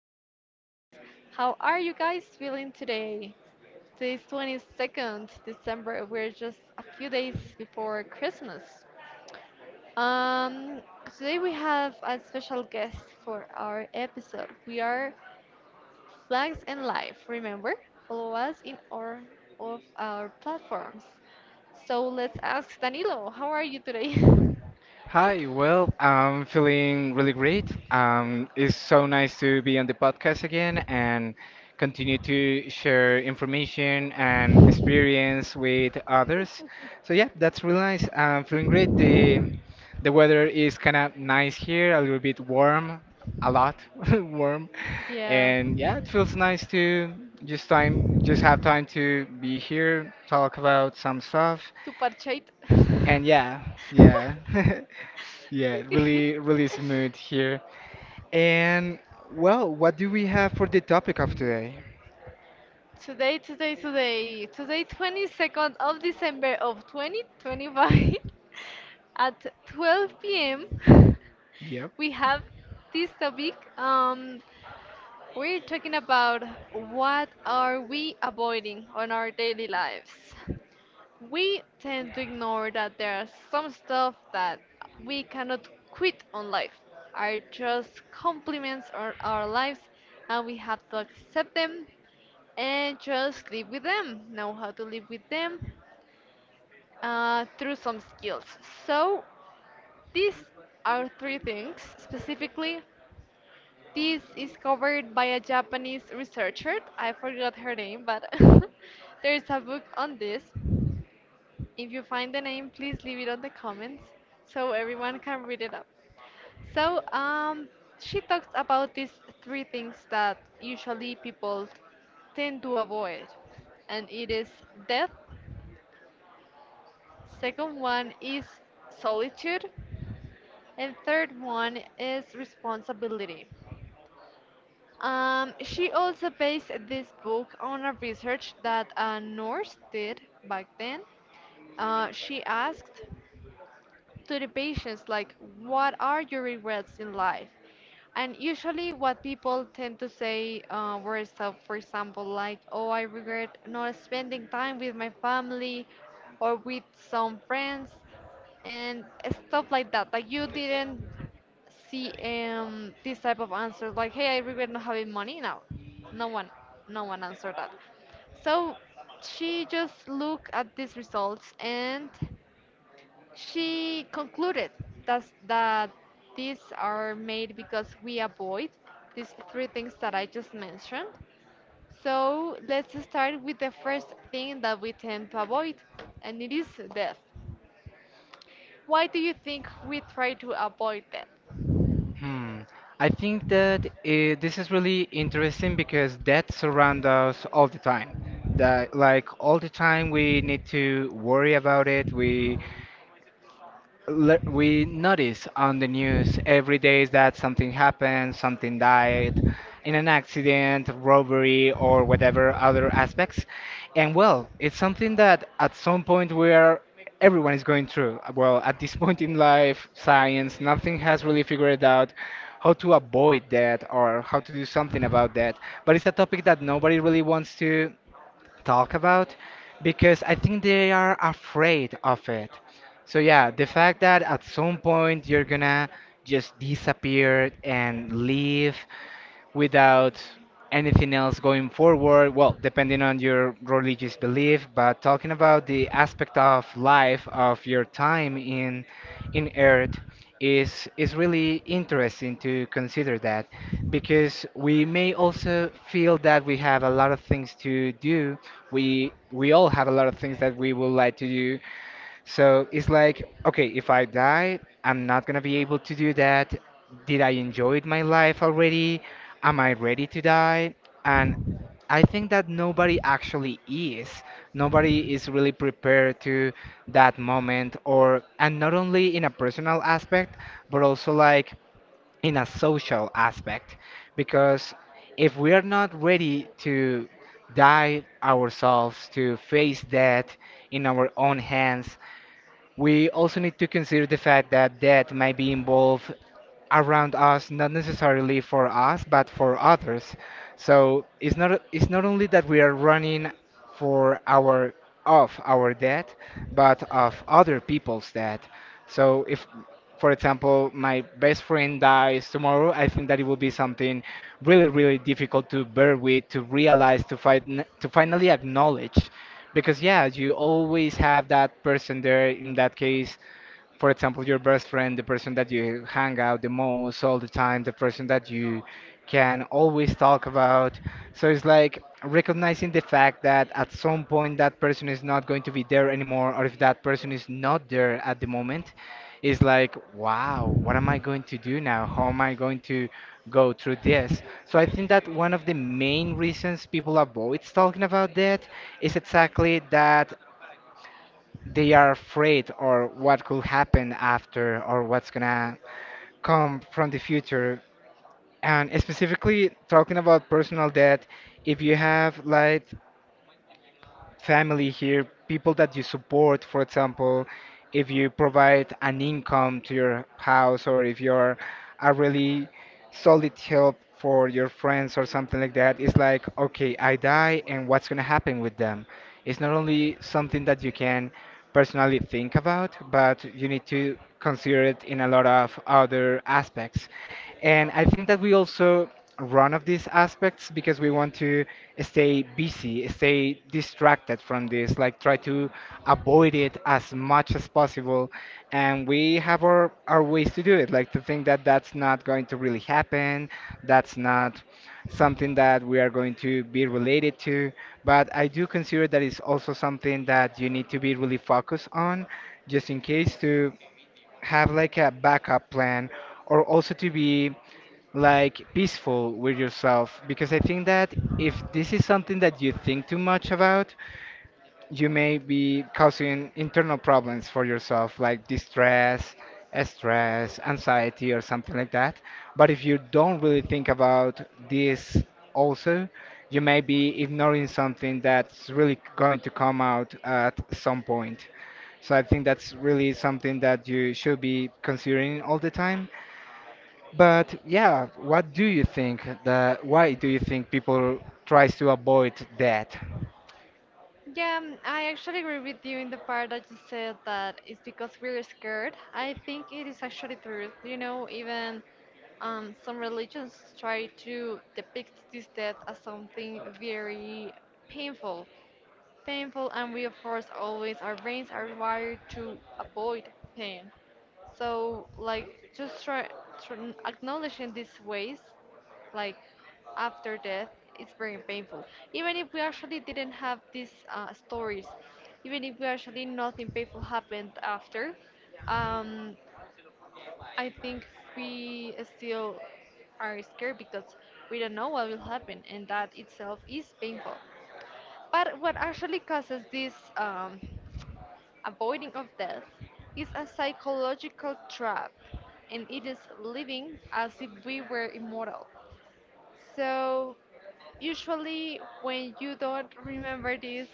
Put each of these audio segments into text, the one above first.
listeners. How are you guys feeling today? Today is December 22nd. We're just a few days before Christmas. Um, today we have a special guest for our episode. We are Flags and Life. Remember, follow us in all of our platforms. So let's ask Danilo, how are you today? Hi, well, I'm feeling really great. It's so nice to be on the podcast again and continue to share information and experience with others. So yeah, that's really nice. I'm feeling great. The weather is kind of nice here, a little bit warm, a lot warm, Yeah. and yeah, it feels nice to just have time to be here, talk about some stuff, Tu parcheite. and yeah, yeah. Yeah, really, really smooth here. And well, what do we have for the topic of today? Today, 22nd of December of 2025 at 12 p.m. Yep. we have this topic. We're talking about what are we avoiding on our daily lives. We tend to ignore that there are some stuff that we cannot quit on life, are just complements on our lives, and we have to accept them and just live with them, know how to live with them through some skills. So, these are three things specifically. This is covered by a Japanese researcher. I forgot her name, but there is a book on this. If you find the name, please leave it on the comments so everyone can read it up. So, she talks about these three things that usually people tend to avoid, and it is death, second one is solitude, and third one is responsibility. She also based this book on a research that a nurse did back then. She asked to the patients like what are your regrets in life, and usually what people tend to say were stuff, for example, like, oh, I regret not spending time with my family or with some friends, and stuff like that. Like you didn't see this type of answers like, hey, I regret not having money. No, no one, no one answered that. So she just looked at these results and she concluded that these are made because we avoid these three things that I just mentioned. So let's start with the first thing that we tend to avoid, and it is death. Why do you think we try to avoid death? Hmm. I think that this is really interesting because death surrounds us all the time. That, like, all the time we need to worry about it. We notice on the news every day that something happened, something died in an accident, robbery, or whatever other aspects. And well, it's something that at some point we are everyone is going through. Well, at this point in life, science, nothing has really figured out how to avoid that or how to do something about that. But it's a topic that nobody really wants to talk about because I think they are afraid of it. So yeah, the fact that at some point you're gonna just disappear and leave without anything else going forward. Well, depending on your religious belief, but talking about the aspect of life, of your time in Earth, is really interesting to consider that, because we may also feel that we have a lot of things to do. We all have a lot of things that we would like to do, so it's like, okay, if I die, I'm not gonna be able to do that. Did I enjoy my life already? Am I ready to die? And I think that nobody actually is. Nobody is really prepared to that moment, or and not only in a personal aspect, but also like in a social aspect. Because if we are not ready to die ourselves, to face death in our own hands, we also need to consider the fact that debt might be involved around us, not necessarily for us, but for others. So it's not, it's not only that we are running for our of our debt, but of other people's debt. So if, for example, my best friend dies tomorrow, I think that it will be something really, really difficult to bear with, to realize, to fight, to finally acknowledge, because yeah, you always have that person there. In that case, for example, your best friend, the person that you hang out the most all the time, the person that you can always talk about. So it's like recognizing the fact that at some point that person is not going to be there anymore, or if that person is not there at the moment, is like, wow, what am I going to do now? How am I going to go through this? So I think that one of the main reasons people avoid talking about that is exactly that they are afraid, or what could happen after, or what's gonna come from the future. And specifically talking about personal debt, if you have like family here, people that you support, for example, if you provide an income to your house, or if you're a really solid help for your friends or something like that, it's like, okay, I die and what's going to happen with them? It's not only something that you can personally think about, but you need to consider it in a lot of other aspects. And I think that we also run of these aspects because we want to stay busy, stay distracted from this, like try to avoid it as much as possible. And we have our ways to do it, like to think that that's not going to really happen, that's not something that we are going to be related to. But I do consider that it's also something that you need to be really focused on, just in case, to have like a backup plan, or also to be like peaceful with yourself, because I think that if this is something that you think too much about, you may be causing internal problems for yourself, like distress, stress, anxiety, or something like that. But if you don't really think about this also, you may be ignoring something that's really going to come out at some point. So I think that's really something that you should be considering all the time. But yeah, what do you think that Why do you think people tries to avoid that? Yeah, mm, I actually agree with you in the part that you said that it's because we're scared. I think it is actually true. You know, even some religions try to depict this death as something very painful painful, and we, of course, always, our brains are wired to avoid pain. So, like, just try acknowledging these ways, like after death, it's very painful. Even if we actually didn't have these stories, even if we actually nothing painful happened after, um, I think we still are scared because we don't know what will happen, and that itself is painful. But what actually causes this avoiding of death is a psychological trap, and it is living as if we were immortal. So, usually, when you don't remember this,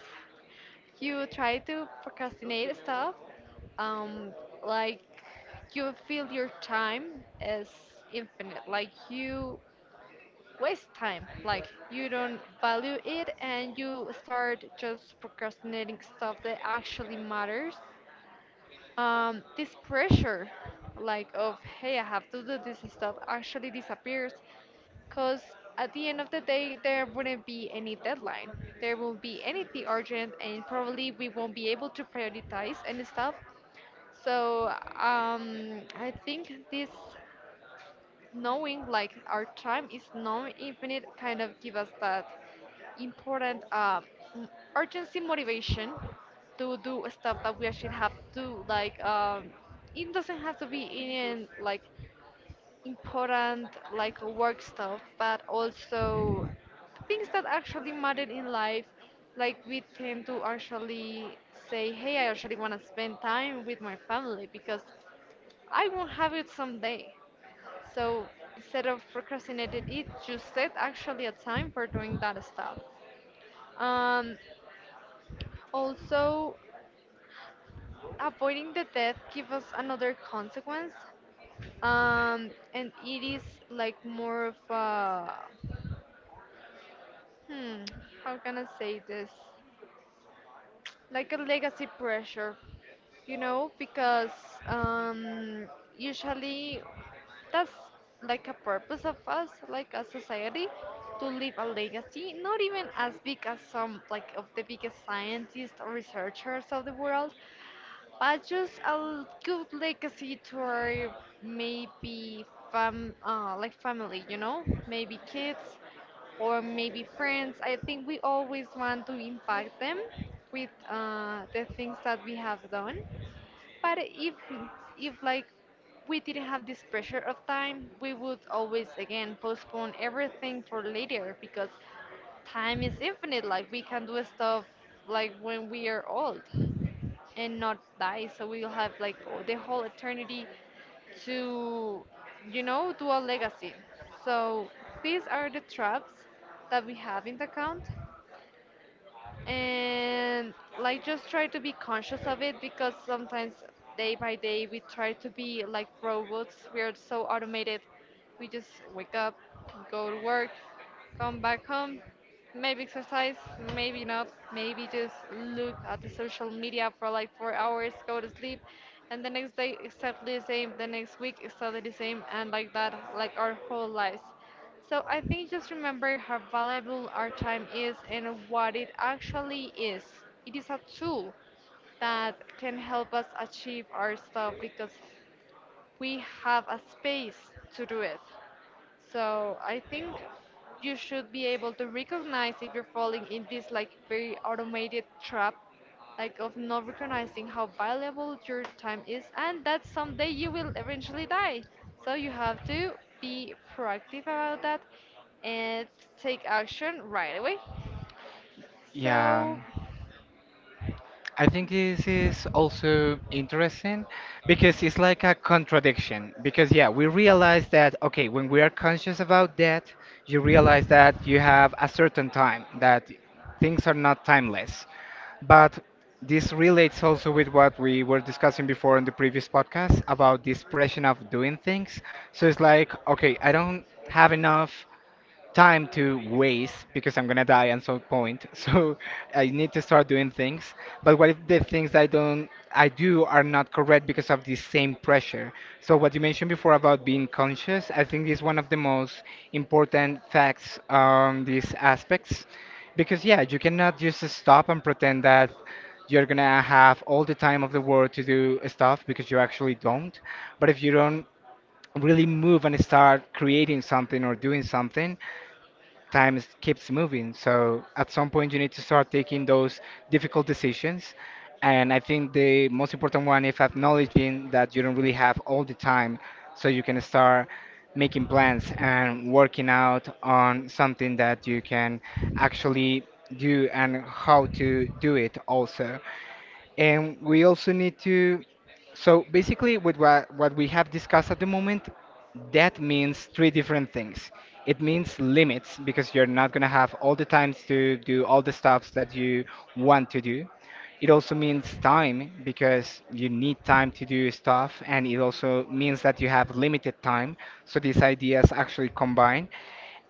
you try to procrastinate stuff, um, like you feel your time is infinite, like you waste time. Like you don't value it and you start just procrastinating stuff that actually matters. This pressure, like of, hey, I have to do this stuff, actually disappears because at the end of the day, there wouldn't be any deadline. There won't be anything urgent, and probably we won't be able to prioritize any stuff. So I think this knowing like our time is non-infinite kind of give us that important m- urgency motivation to do stuff that we actually have to do. Like it doesn't have to be in like important like work stuff, but also things that actually matter in life. Like we tend to actually say, hey, I actually want to spend time with my family because I won't have it someday. So instead of procrastinating it, you set actually a time for doing that stuff. Um, also, avoiding the death gives us another consequence, and it is like more of a hmm, how can I say this? Like a legacy pressure, you know, because um, usually that's like a purpose of us, like a society, to leave a legacy, not even as big as some like of the biggest scientists or researchers of the world, but just a good legacy to our maybe fam like family, you know, maybe kids or maybe friends. I think we always want to impact them with the things that we have done. But if like we didn't have this pressure of time, we would always again postpone everything for later because time is infinite. Like we can do stuff like when we are old and not die. So we will have like the whole eternity to, you know, do a legacy. So these are the traps that we have in the account, and like just try to be conscious of it because sometimes day by day we try to be like robots. We are so automated. We just wake up, go to work, come back home, maybe exercise, maybe not, maybe just look at the social media for like 4 hours, go to sleep, and the next day exactly the same, the next week exactly the same, and like that, like our whole lives. So I think just remember how valuable our time is and what it actually is. It is a tool that can help us achieve our stuff because we have a space to do it. So I think you should be able to recognize if you're falling in this like very automated trap, like of not recognizing how valuable your time is, and that someday you will eventually die. So you have to be proactive about that and take action right away. Yeah, So I think this is also interesting because it's like a contradiction. Because yeah, we realize that, okay, when we are conscious about that, you realize that you have a certain time, that things are not timeless. But this relates also with what we were discussing before in the previous podcast about this pressure of doing things. So it's like, okay, I don't have enough time to waste because I'm gonna die at some point. So I need to start doing things. But what if the things that I do are not correct because of the same pressure? So what you mentioned before about being conscious, I think is one of the most important facts on these aspects. Because yeah, you cannot just stop and pretend that you're gonna have all the time of the world to do stuff, because you actually don't. But if you don't really move and start creating something or doing something, time keeps moving. So at some point, you need to start taking those difficult decisions. And I think the most important one is acknowledging that you don't really have all the time, so you can start making plans and working out on something that you can actually do, and how to do it also. And we also need to, so basically, with what we have discussed at the moment, that means three different things. It means limits, because you're not going to have all the times to do all the stuffs that you want to do. It also means time, because you need time to do stuff, and it also means that you have limited time. So these ideas actually combine.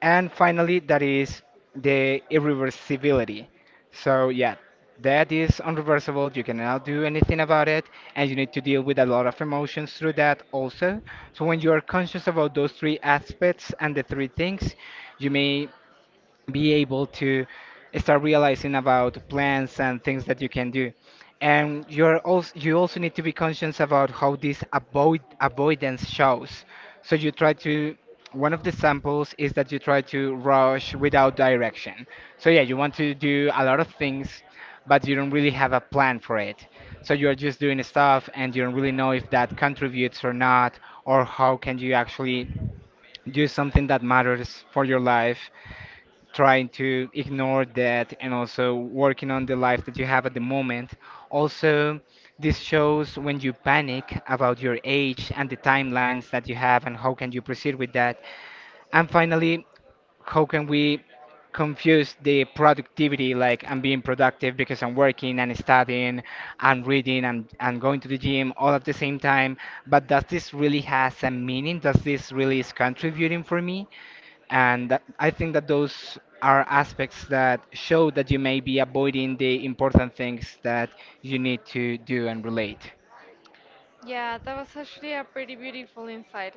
And finally, that is the irreversibility. So, yeah, that is unreversible. You cannot do anything about it, and you need to deal with a lot of emotions through that also. So, when you are conscious about those three aspects and the three things, you may be able to start realizing about plans and things that you can do. And you also need to be conscious about how this avoidance shows. So you try to one of the samples is that you try to rush without direction. So yeah, you want to do a lot of things, but you don't really have a plan for it. So you're just doing stuff, and you don't really know if that contributes or not, or how can you actually do something that matters for your life, trying to ignore that and also working on the life that you have at the moment. Also, this shows when you panic about your age and the timelines that you have, and how can you proceed with that. And finally, how can we confuse the productivity, like I'm being productive because I'm working and studying and reading, and going to the gym, all at the same time. But does this really has a meaning? Does this really is contributing for me? And that, I think that those are aspects that show that you may be avoiding the important things that you need to do and relate. yeah, that was actually a pretty beautiful insight.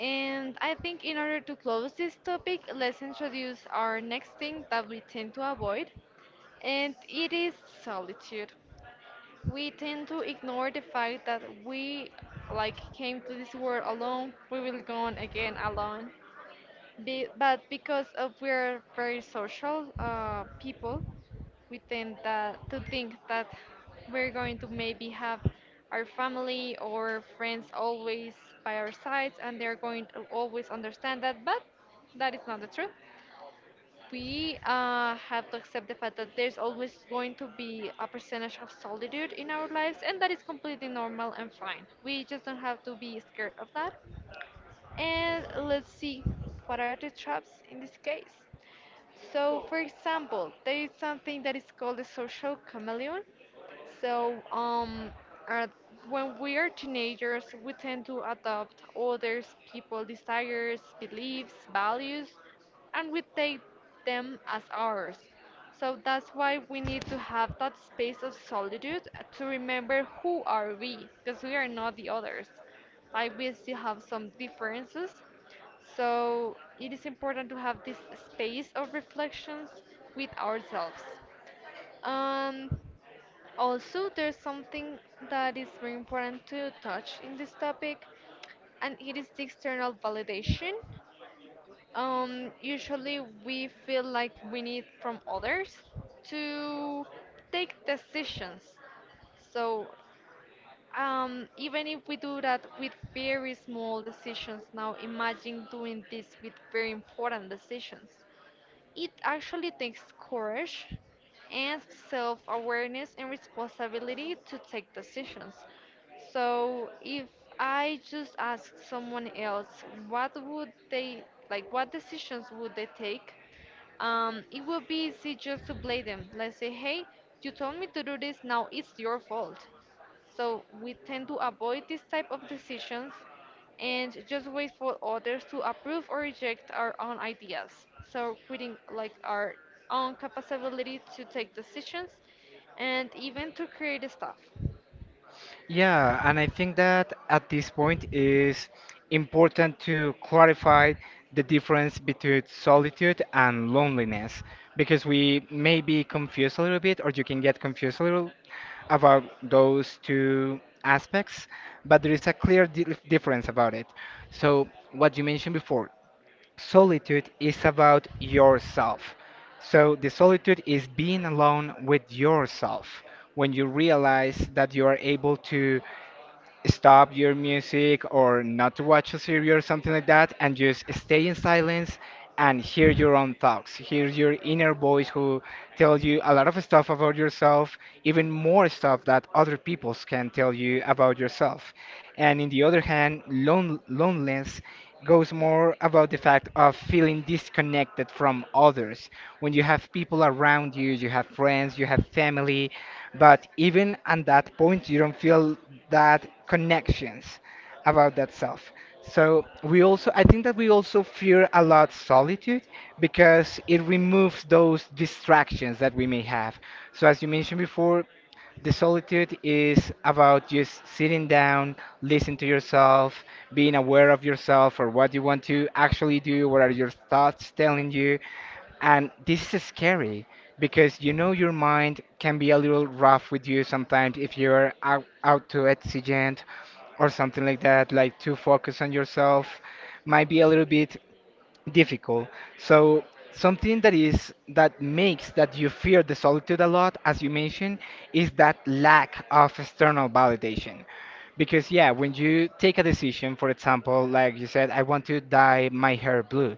And I think in order to close this topic, let's introduce our next thing that we tend to avoid, and it is solitude. We tend to ignore the fact that we like came to this world alone, we will go on again alone. Be, but because of we're very social people, we to think that we're going to maybe have our family or friends always by our sides and they're going to always understand that, but that is not the truth. We have to accept the fact that there's always going to be a percentage of solitude in our lives, and that is completely normal and fine. We just don't have to be scared of that, and let's see, what are the traps in this case? So, for example, there is something that is called the social chameleon. So, at, when we are teenagers, we tend to adopt others, people's desires, beliefs, values, and we take them as ours. So that's why we need to have that space of solitude to remember who are we, because we are not the others. Like we still have some differences. So it is important to have this space of reflections with ourselves. Um, also, there's something that is very important to touch in this topic, and it is the external validation. Usually, we feel like we need from others to take decisions. So, even if we do that with very small decisions, now imagine doing this with very important decisions. It actually takes courage and self awareness and responsibility to take decisions. So if I just ask someone else what would they like, what decisions would they take, it would be easy just to blame them. Let's say, hey, you told me to do this, now it's your fault. So we tend to avoid this type of decisions and just wait for others to approve or reject our own ideas. So creating like our own capability to take decisions and even to create stuff. Yeah, and I think that at this point is important to clarify the difference between solitude and loneliness, because we may be confused a little bit, or you can get confused a little about those two aspects, but there is a clear di difference about it. So, what you mentioned before, solitude is about yourself. So the solitude is being alone with yourself, when you realize that you are able to stop your music or not to watch a series or something like that, and just stay in silence and hear your own thoughts, hear your inner voice, who tells you a lot of stuff about yourself, even more stuff that other people can tell you about yourself. And in the other hand, loneliness goes more about the fact of feeling disconnected from others, when you have people around you, you have friends, you have family, but even at that point, you don't feel that connections about that self. So we also, I think that we also fear a lot solitude, because it removes those distractions that we may have. So as you mentioned before, the solitude is about just sitting down, listen to yourself, being aware of yourself or what you want to actually do, what are your thoughts telling you, and this is scary because you know your mind can be a little rough with you sometimes if you're out too exigent or something like that, like too focused on yourself, might be a little bit difficult. So something that makes that you fear the solitude a lot, as you mentioned, is that lack of external validation. Because yeah, when you take a decision, for example, like you said, I want to dye my hair blue.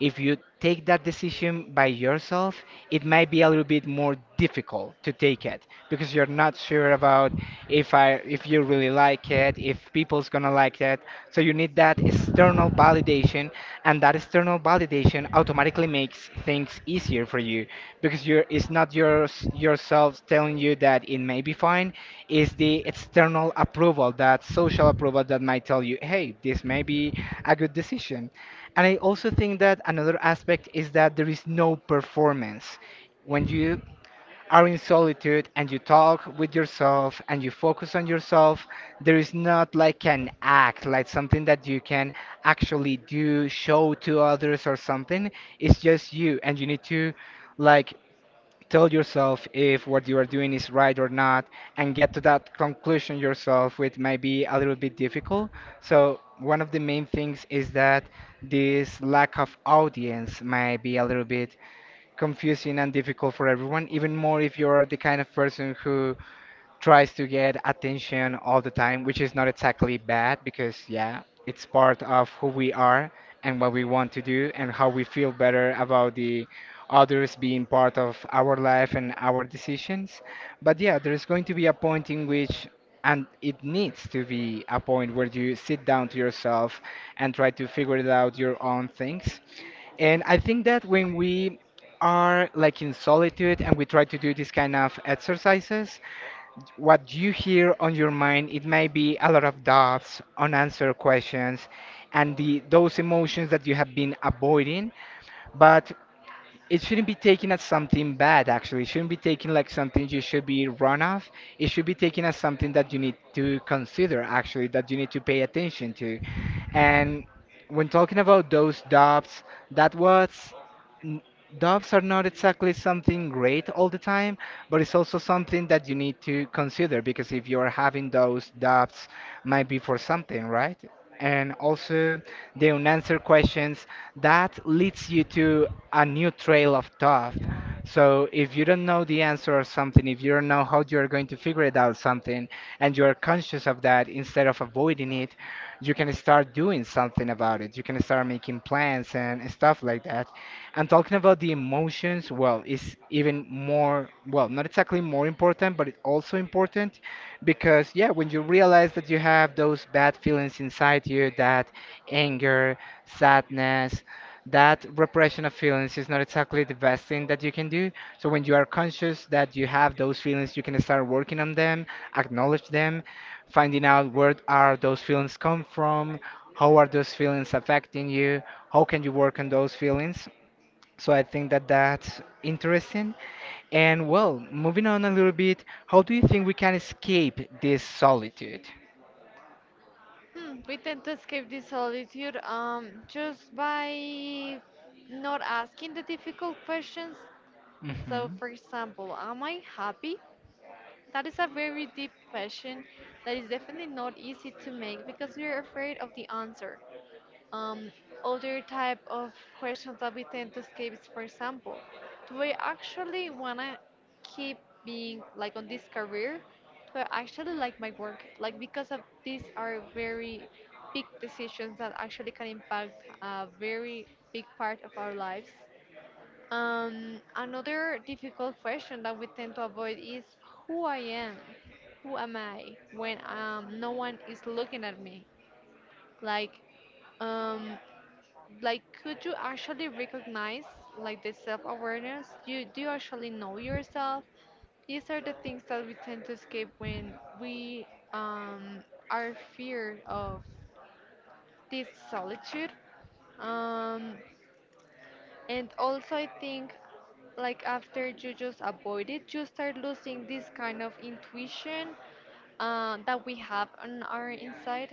If you take that decision by yourself, it might be a little bit more difficult to take it because you're not sure about if you really like it, if people's gonna like it. So you need that external validation, and that external validation automatically makes things easier for you because you're it's not your yourself telling you that it may be fine. It's the external approval, that social approval that might tell you, hey, this may be a good decision. And I also think that another aspect is that there is no performance. When you are in solitude and you talk with yourself and you focus on yourself, there is not like an act, like something that you can actually do, show to others or something. It's just you, and you need to like tell yourself if what you are doing is right or not and get to that conclusion yourself, which might be a little bit difficult. So, one of the main things is that this lack of audience might be a little bit confusing and difficult for everyone, even more if you're the kind of person who tries to get attention all the time, which is not exactly bad because, yeah, it's part of who we are and what we want to do and how we feel better about the others being part of our life and our decisions. But yeah, there's going to be a point in which and it needs to be a point where you sit down to yourself and try to figure it out your own things. And I think that when we are like in solitude and we try to do this kind of exercises, what you hear on your mind, it may be a lot of doubts, unanswered questions, and those emotions that you have been avoiding. But it shouldn't be taken as something bad. Actually, it shouldn't be taken like something you should be run off. It should be taken as something that you need to consider, actually, that you need to pay attention to. And when talking about those doubts, that was n- doubts are not exactly something great all the time, but it's also something that you need to consider because if you're having those doubts, might be for something, right? And also the unanswered questions, that leads you to a new trail of thought. So if you don't know the answer of something, if you don't know how you're going to figure it out something, and you're conscious of that instead of avoiding it, you can start doing something about it. You can start making plans and stuff like that. And talking about the emotions, well, is even more, well, not exactly more important, but it also important because, yeah, when you realize that you have those bad feelings inside you, that anger, sadness, that repression of feelings is not exactly the best thing that you can do. So when you are conscious that you have those feelings, you can start working on them, acknowledge them, finding out where are those feelings come from, how are those feelings affecting you, how can you work on those feelings. So I think that that's interesting. And well, moving on a little bit, how do you think we can escape this solitude? Hmm, we tend to escape this solitude just by not asking the difficult questions. So, Hmm. for example, am I happy? That is a very deep question that is definitely not easy to make because we are afraid of the answer. Um, other type of questions that we tend to escape is, for example, do I actually wanna keep being like on this career? Do I actually like my work? Like because of these are very big decisions that actually can impact a very big part of our lives. Another difficult question that we tend to avoid is who I am. Who am I when no one is looking at me? Like, um, like could you actually recognize like the self-awareness? Do you actually know yourself? These are the things that we tend to escape when we um, are feared of this solitude. Um, and also, I think like after you just avoid it, you start losing this kind of intuition that we have on our inside.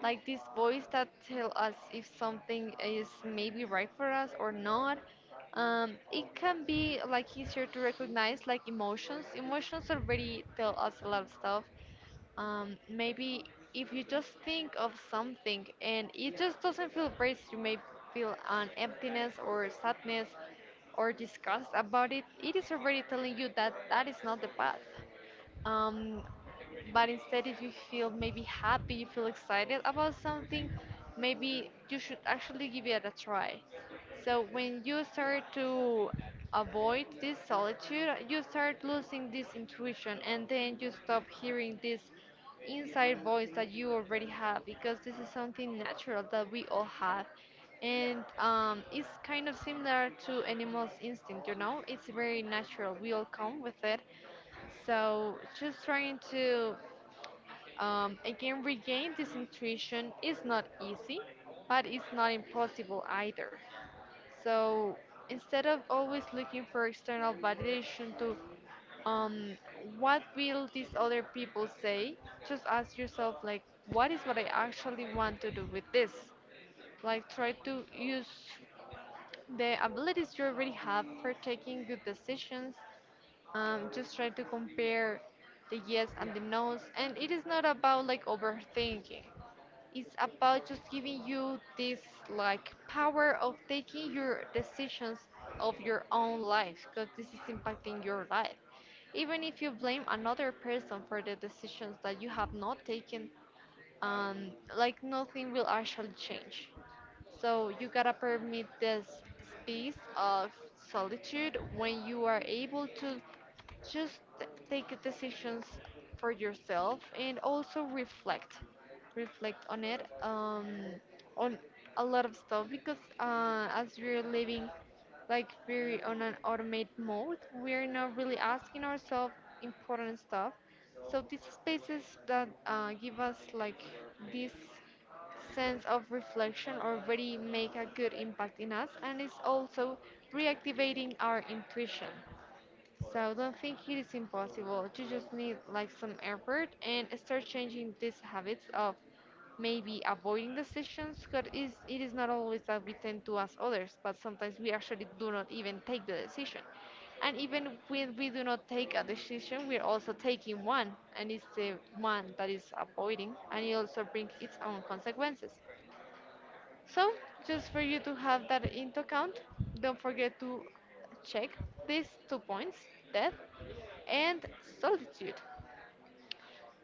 Like this voice that tell us if something is maybe right for us or not. It can be like easier to recognize like emotions. Emotions already tell us a lot of stuff maybe if you just think of something and it just doesn't feel great, you may feel an emptiness or sadness or disgust about it. It is already telling you that that is not the path. Um, but instead, if you feel maybe happy, you feel excited about something, maybe you should actually give it a try. So when you start to avoid this solitude, you start losing this intuition, and then you stop hearing this inside voice that you already have, because this is something natural that we all have. And it's kind of similar to animals' instinct, you know? It's very natural. We all come with it. So just trying to again regain this intuition is not easy, but it's not impossible either. So instead of always looking for external validation to um, what will these other people say, just ask yourself, like, what is what I actually want to do with this? Like, try to use the abilities you already have for taking good decisions. Just try to compare the yes and the no's, and it is not about like overthinking, it's about just giving you this like power of taking your decisions of your own life, because this is impacting your life. Even if you blame another person for the decisions that you have not taken, like nothing will actually change. So you gotta permit this space of solitude when you are able to just take decisions for yourself and also reflect on it on a lot of stuff, because as we're living like very on an automated mode, we're not really asking ourselves important stuff. So these spaces that give us like this sense of reflection already make a good impact in us, and it's also reactivating our intuition. So don't think it is impossible. You just need like some effort and start changing these habits of maybe avoiding decisions, because it is not always that we tend to ask others, but sometimes we actually do not even take the decision. And even when we do not take a decision, we're also taking one, and it's the one that is avoiding, and it also brings its own consequences. So, just for you to have that into account, don't forget to check these two points: death and solitude.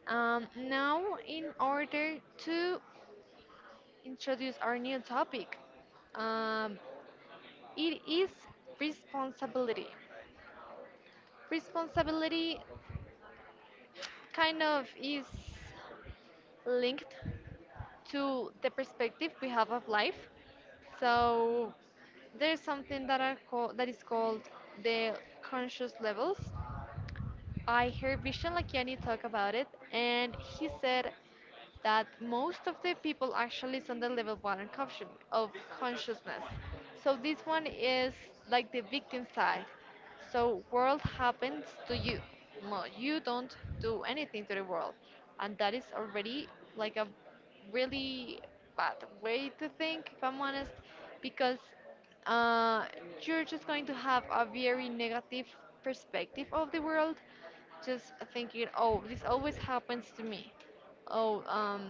Now, in order to introduce our new topic, um, it is responsibility. Responsibility kind of is linked to the perspective we have of life. So there's something that is called the conscious levels. I heard Vishen Lakiani talk about it, and he said that most of the people actually is on the level one of conscious, of consciousness. So this one is like the victim side. So world happens to you. No, you don't do anything to the world, and that is already like a really bad way to think, if I'm honest, because uh, you're just going to have a very negative perspective of the world, just thinking, oh, this always happens to me, oh,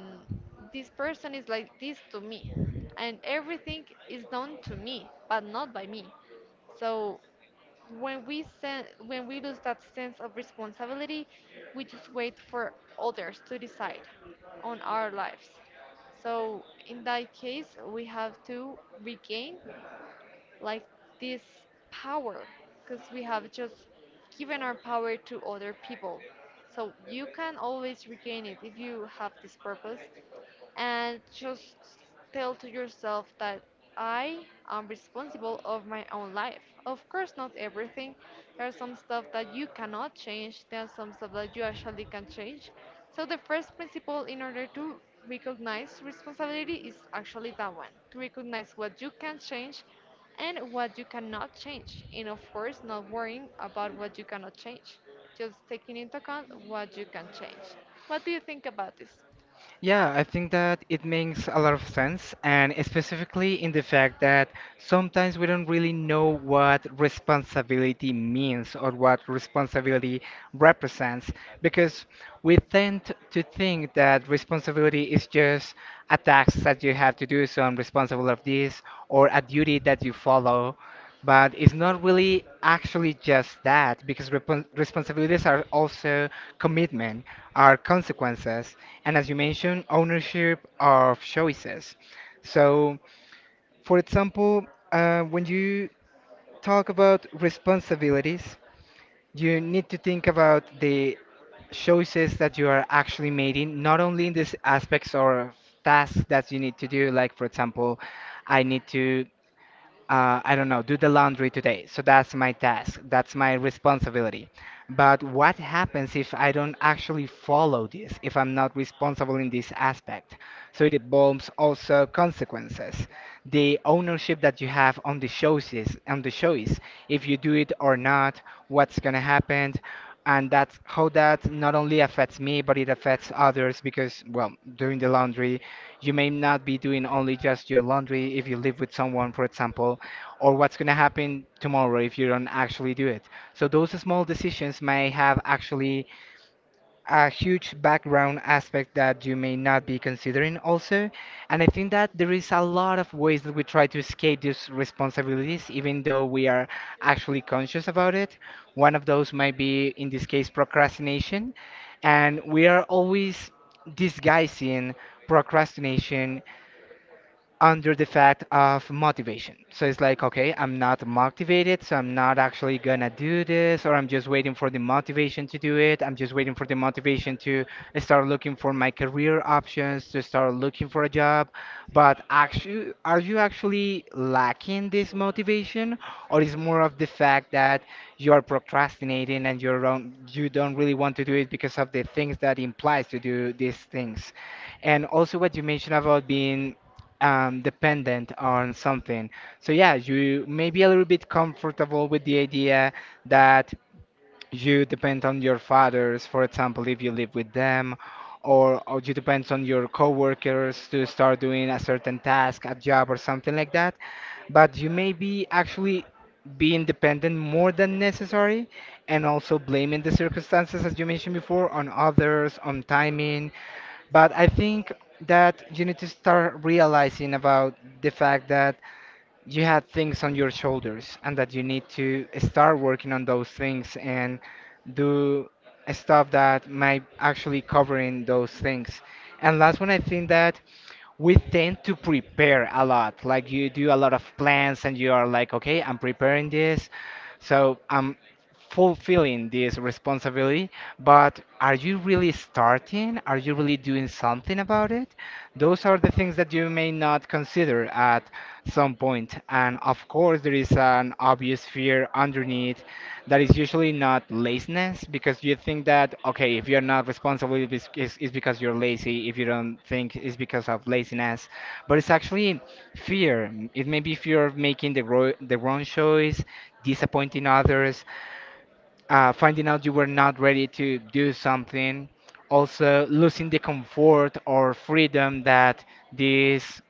this person is like this to me, and everything is done to me, but not by me. So when we lose that sense of responsibility, we just wait for others to decide on our lives. So in that case, we have to regain like this power, because we have just given our power to other people. So you can always regain it if you have this purpose and just tell to yourself that I am responsible of my own life. Of course, not everything. There are some stuff that you cannot change. There are some stuff that you actually can change. So the first principle in order to recognize responsibility is actually that one. To recognize what you can change and what you cannot change. And of course, not worrying about what you cannot change. Just taking into account what you can change. What do you think about this? Yeah, I think that it makes a lot of sense, and specifically in the fact that sometimes we don't really know what responsibility means or what responsibility represents, because we tend to think that responsibility is just a task that you have to do, so I'm responsible of this, or a duty that you follow, but it's not really actually just that, because repon responsibilities are also commitment, are consequences, and as you mentioned, ownership of choices. So, for example, when you talk about responsibilities, you need to think about the choices that you are actually making, not only in these aspects or tasks that you need to do, like, for example, I need to I don't know, do the laundry today. So that's my task, that's my responsibility. But what happens if I don't actually follow this, if I'm not responsible in this aspect? So it involves also consequences. The ownership that you have on the choice, if you do it or not, what's gonna happen, and that's how that not only affects me, but it affects others because, well, doing the laundry, you may not be doing only just your laundry if you live with someone, for example, or what's going to happen tomorrow if you don't actually do it. So those small decisions may have actually a huge background aspect that you may not be considering also. And I think that there is a lot of ways that we try to escape these responsibilities even though we are actually conscious about it. One of those might be in this case procrastination, and we are always disguising procrastination under the fact of motivation. So it's like, okay, I'm not motivated, so I'm not actually gonna do this, or I'm just waiting for the motivation to do it. I'm just waiting for the motivation to start looking for my career options, to start looking for a job. But actually, are you actually lacking this motivation, or is more of the fact that you are procrastinating and you don't really want to do it because of the things that implies to do these things? And also what you mentioned about being dependent on something. So yeah, you may be a little bit comfortable with the idea that you depend on your fathers, for example, if you live with them, or you depend on your coworkers to start doing a certain task, a job, or something like that. But you may be actually being dependent more than necessary and also blaming the circumstances as you mentioned before on others, on timing. But I think that you need to start realizing about the fact that you had things on your shoulders and that you need to start working on those things and do stuff that might actually covering those things. And last one, I think that we tend to prepare a lot. Like you do a lot of plans and you are like, okay, I'm preparing this, so I'm fulfilling this responsibility. But are you really starting? Are you really doing something about it? Those are the things that you may not consider at some point. And of course, there is an obvious fear underneath that is usually not laziness because you think that, okay, if you're not responsible, it's because you're lazy. If you don't think it's because of laziness, but it's actually fear. It may be fear of making the wrong choice, disappointing others, finding out you were not ready to do something, also losing the comfort or freedom that this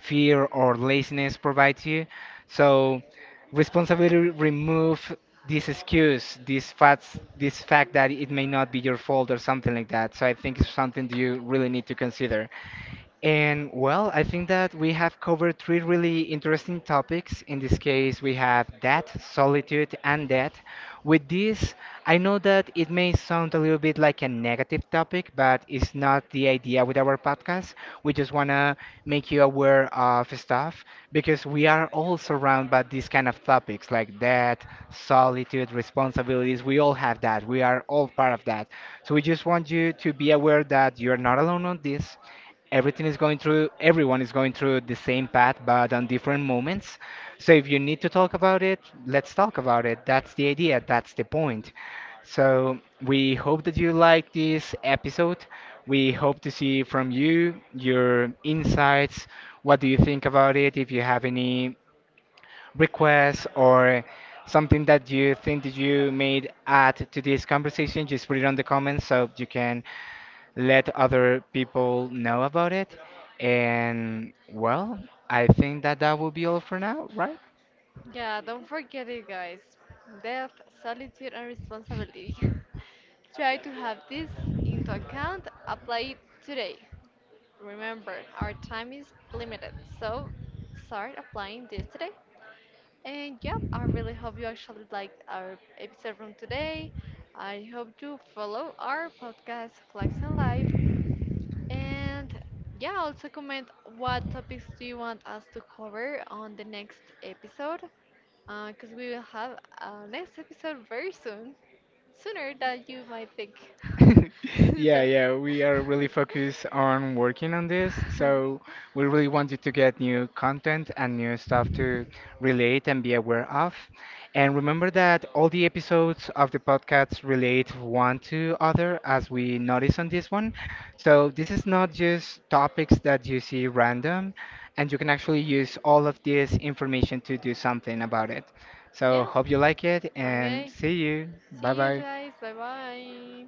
fear or laziness provides you. So, responsibility remove this excuse, this fact that it may not be your fault or something like that. So, I think it's something you really need to consider. And well, I think that we have covered three really interesting topics. In this case, we have death, solitude, and death. With this, I know that it may sound a little bit like a negative topic, but it's not the idea with our podcast. We just want to make you aware of stuff because we are all surrounded by these kind of topics like death, solitude, responsibilities. We all have that. We are all part of that. So we just want you to be aware that you're not alone on this. Everything is going through, everyone is going through the same path but on different moments. So if you need to talk about it, let's talk about it. That's the idea, that's the point. So we hope that you like this episode. We hope to see from you your insights, what do you think about it, if you have any requests or something that you think that you made add to this conversation, just put it on the comments so you can let other people know about it. And well, I think that that will be all for now, right? Yeah, don't forget it, guys. Death, solitude, and responsibility. Try to have this into account. Apply it today. Remember, our time is limited, so start applying this today. And yeah, I really hope you actually liked our episode from today. I hope you follow our podcast, Flags and Life, and yeah, also comment what topics do you want us to cover on the next episode, because we will have a next episode very soon, sooner than you might think. Yeah, So, yeah, we are really focused on working on this. So we really wanted to get new content and new stuff to relate and be aware of. And remember that all the episodes of the podcast relate one to other, as we noticed on this one. So this is not just topics that you see random, and you can actually use all of this information to do something about it. So yeah, hope you like it and okay. see you. Bye See you bye. guys. Bye bye.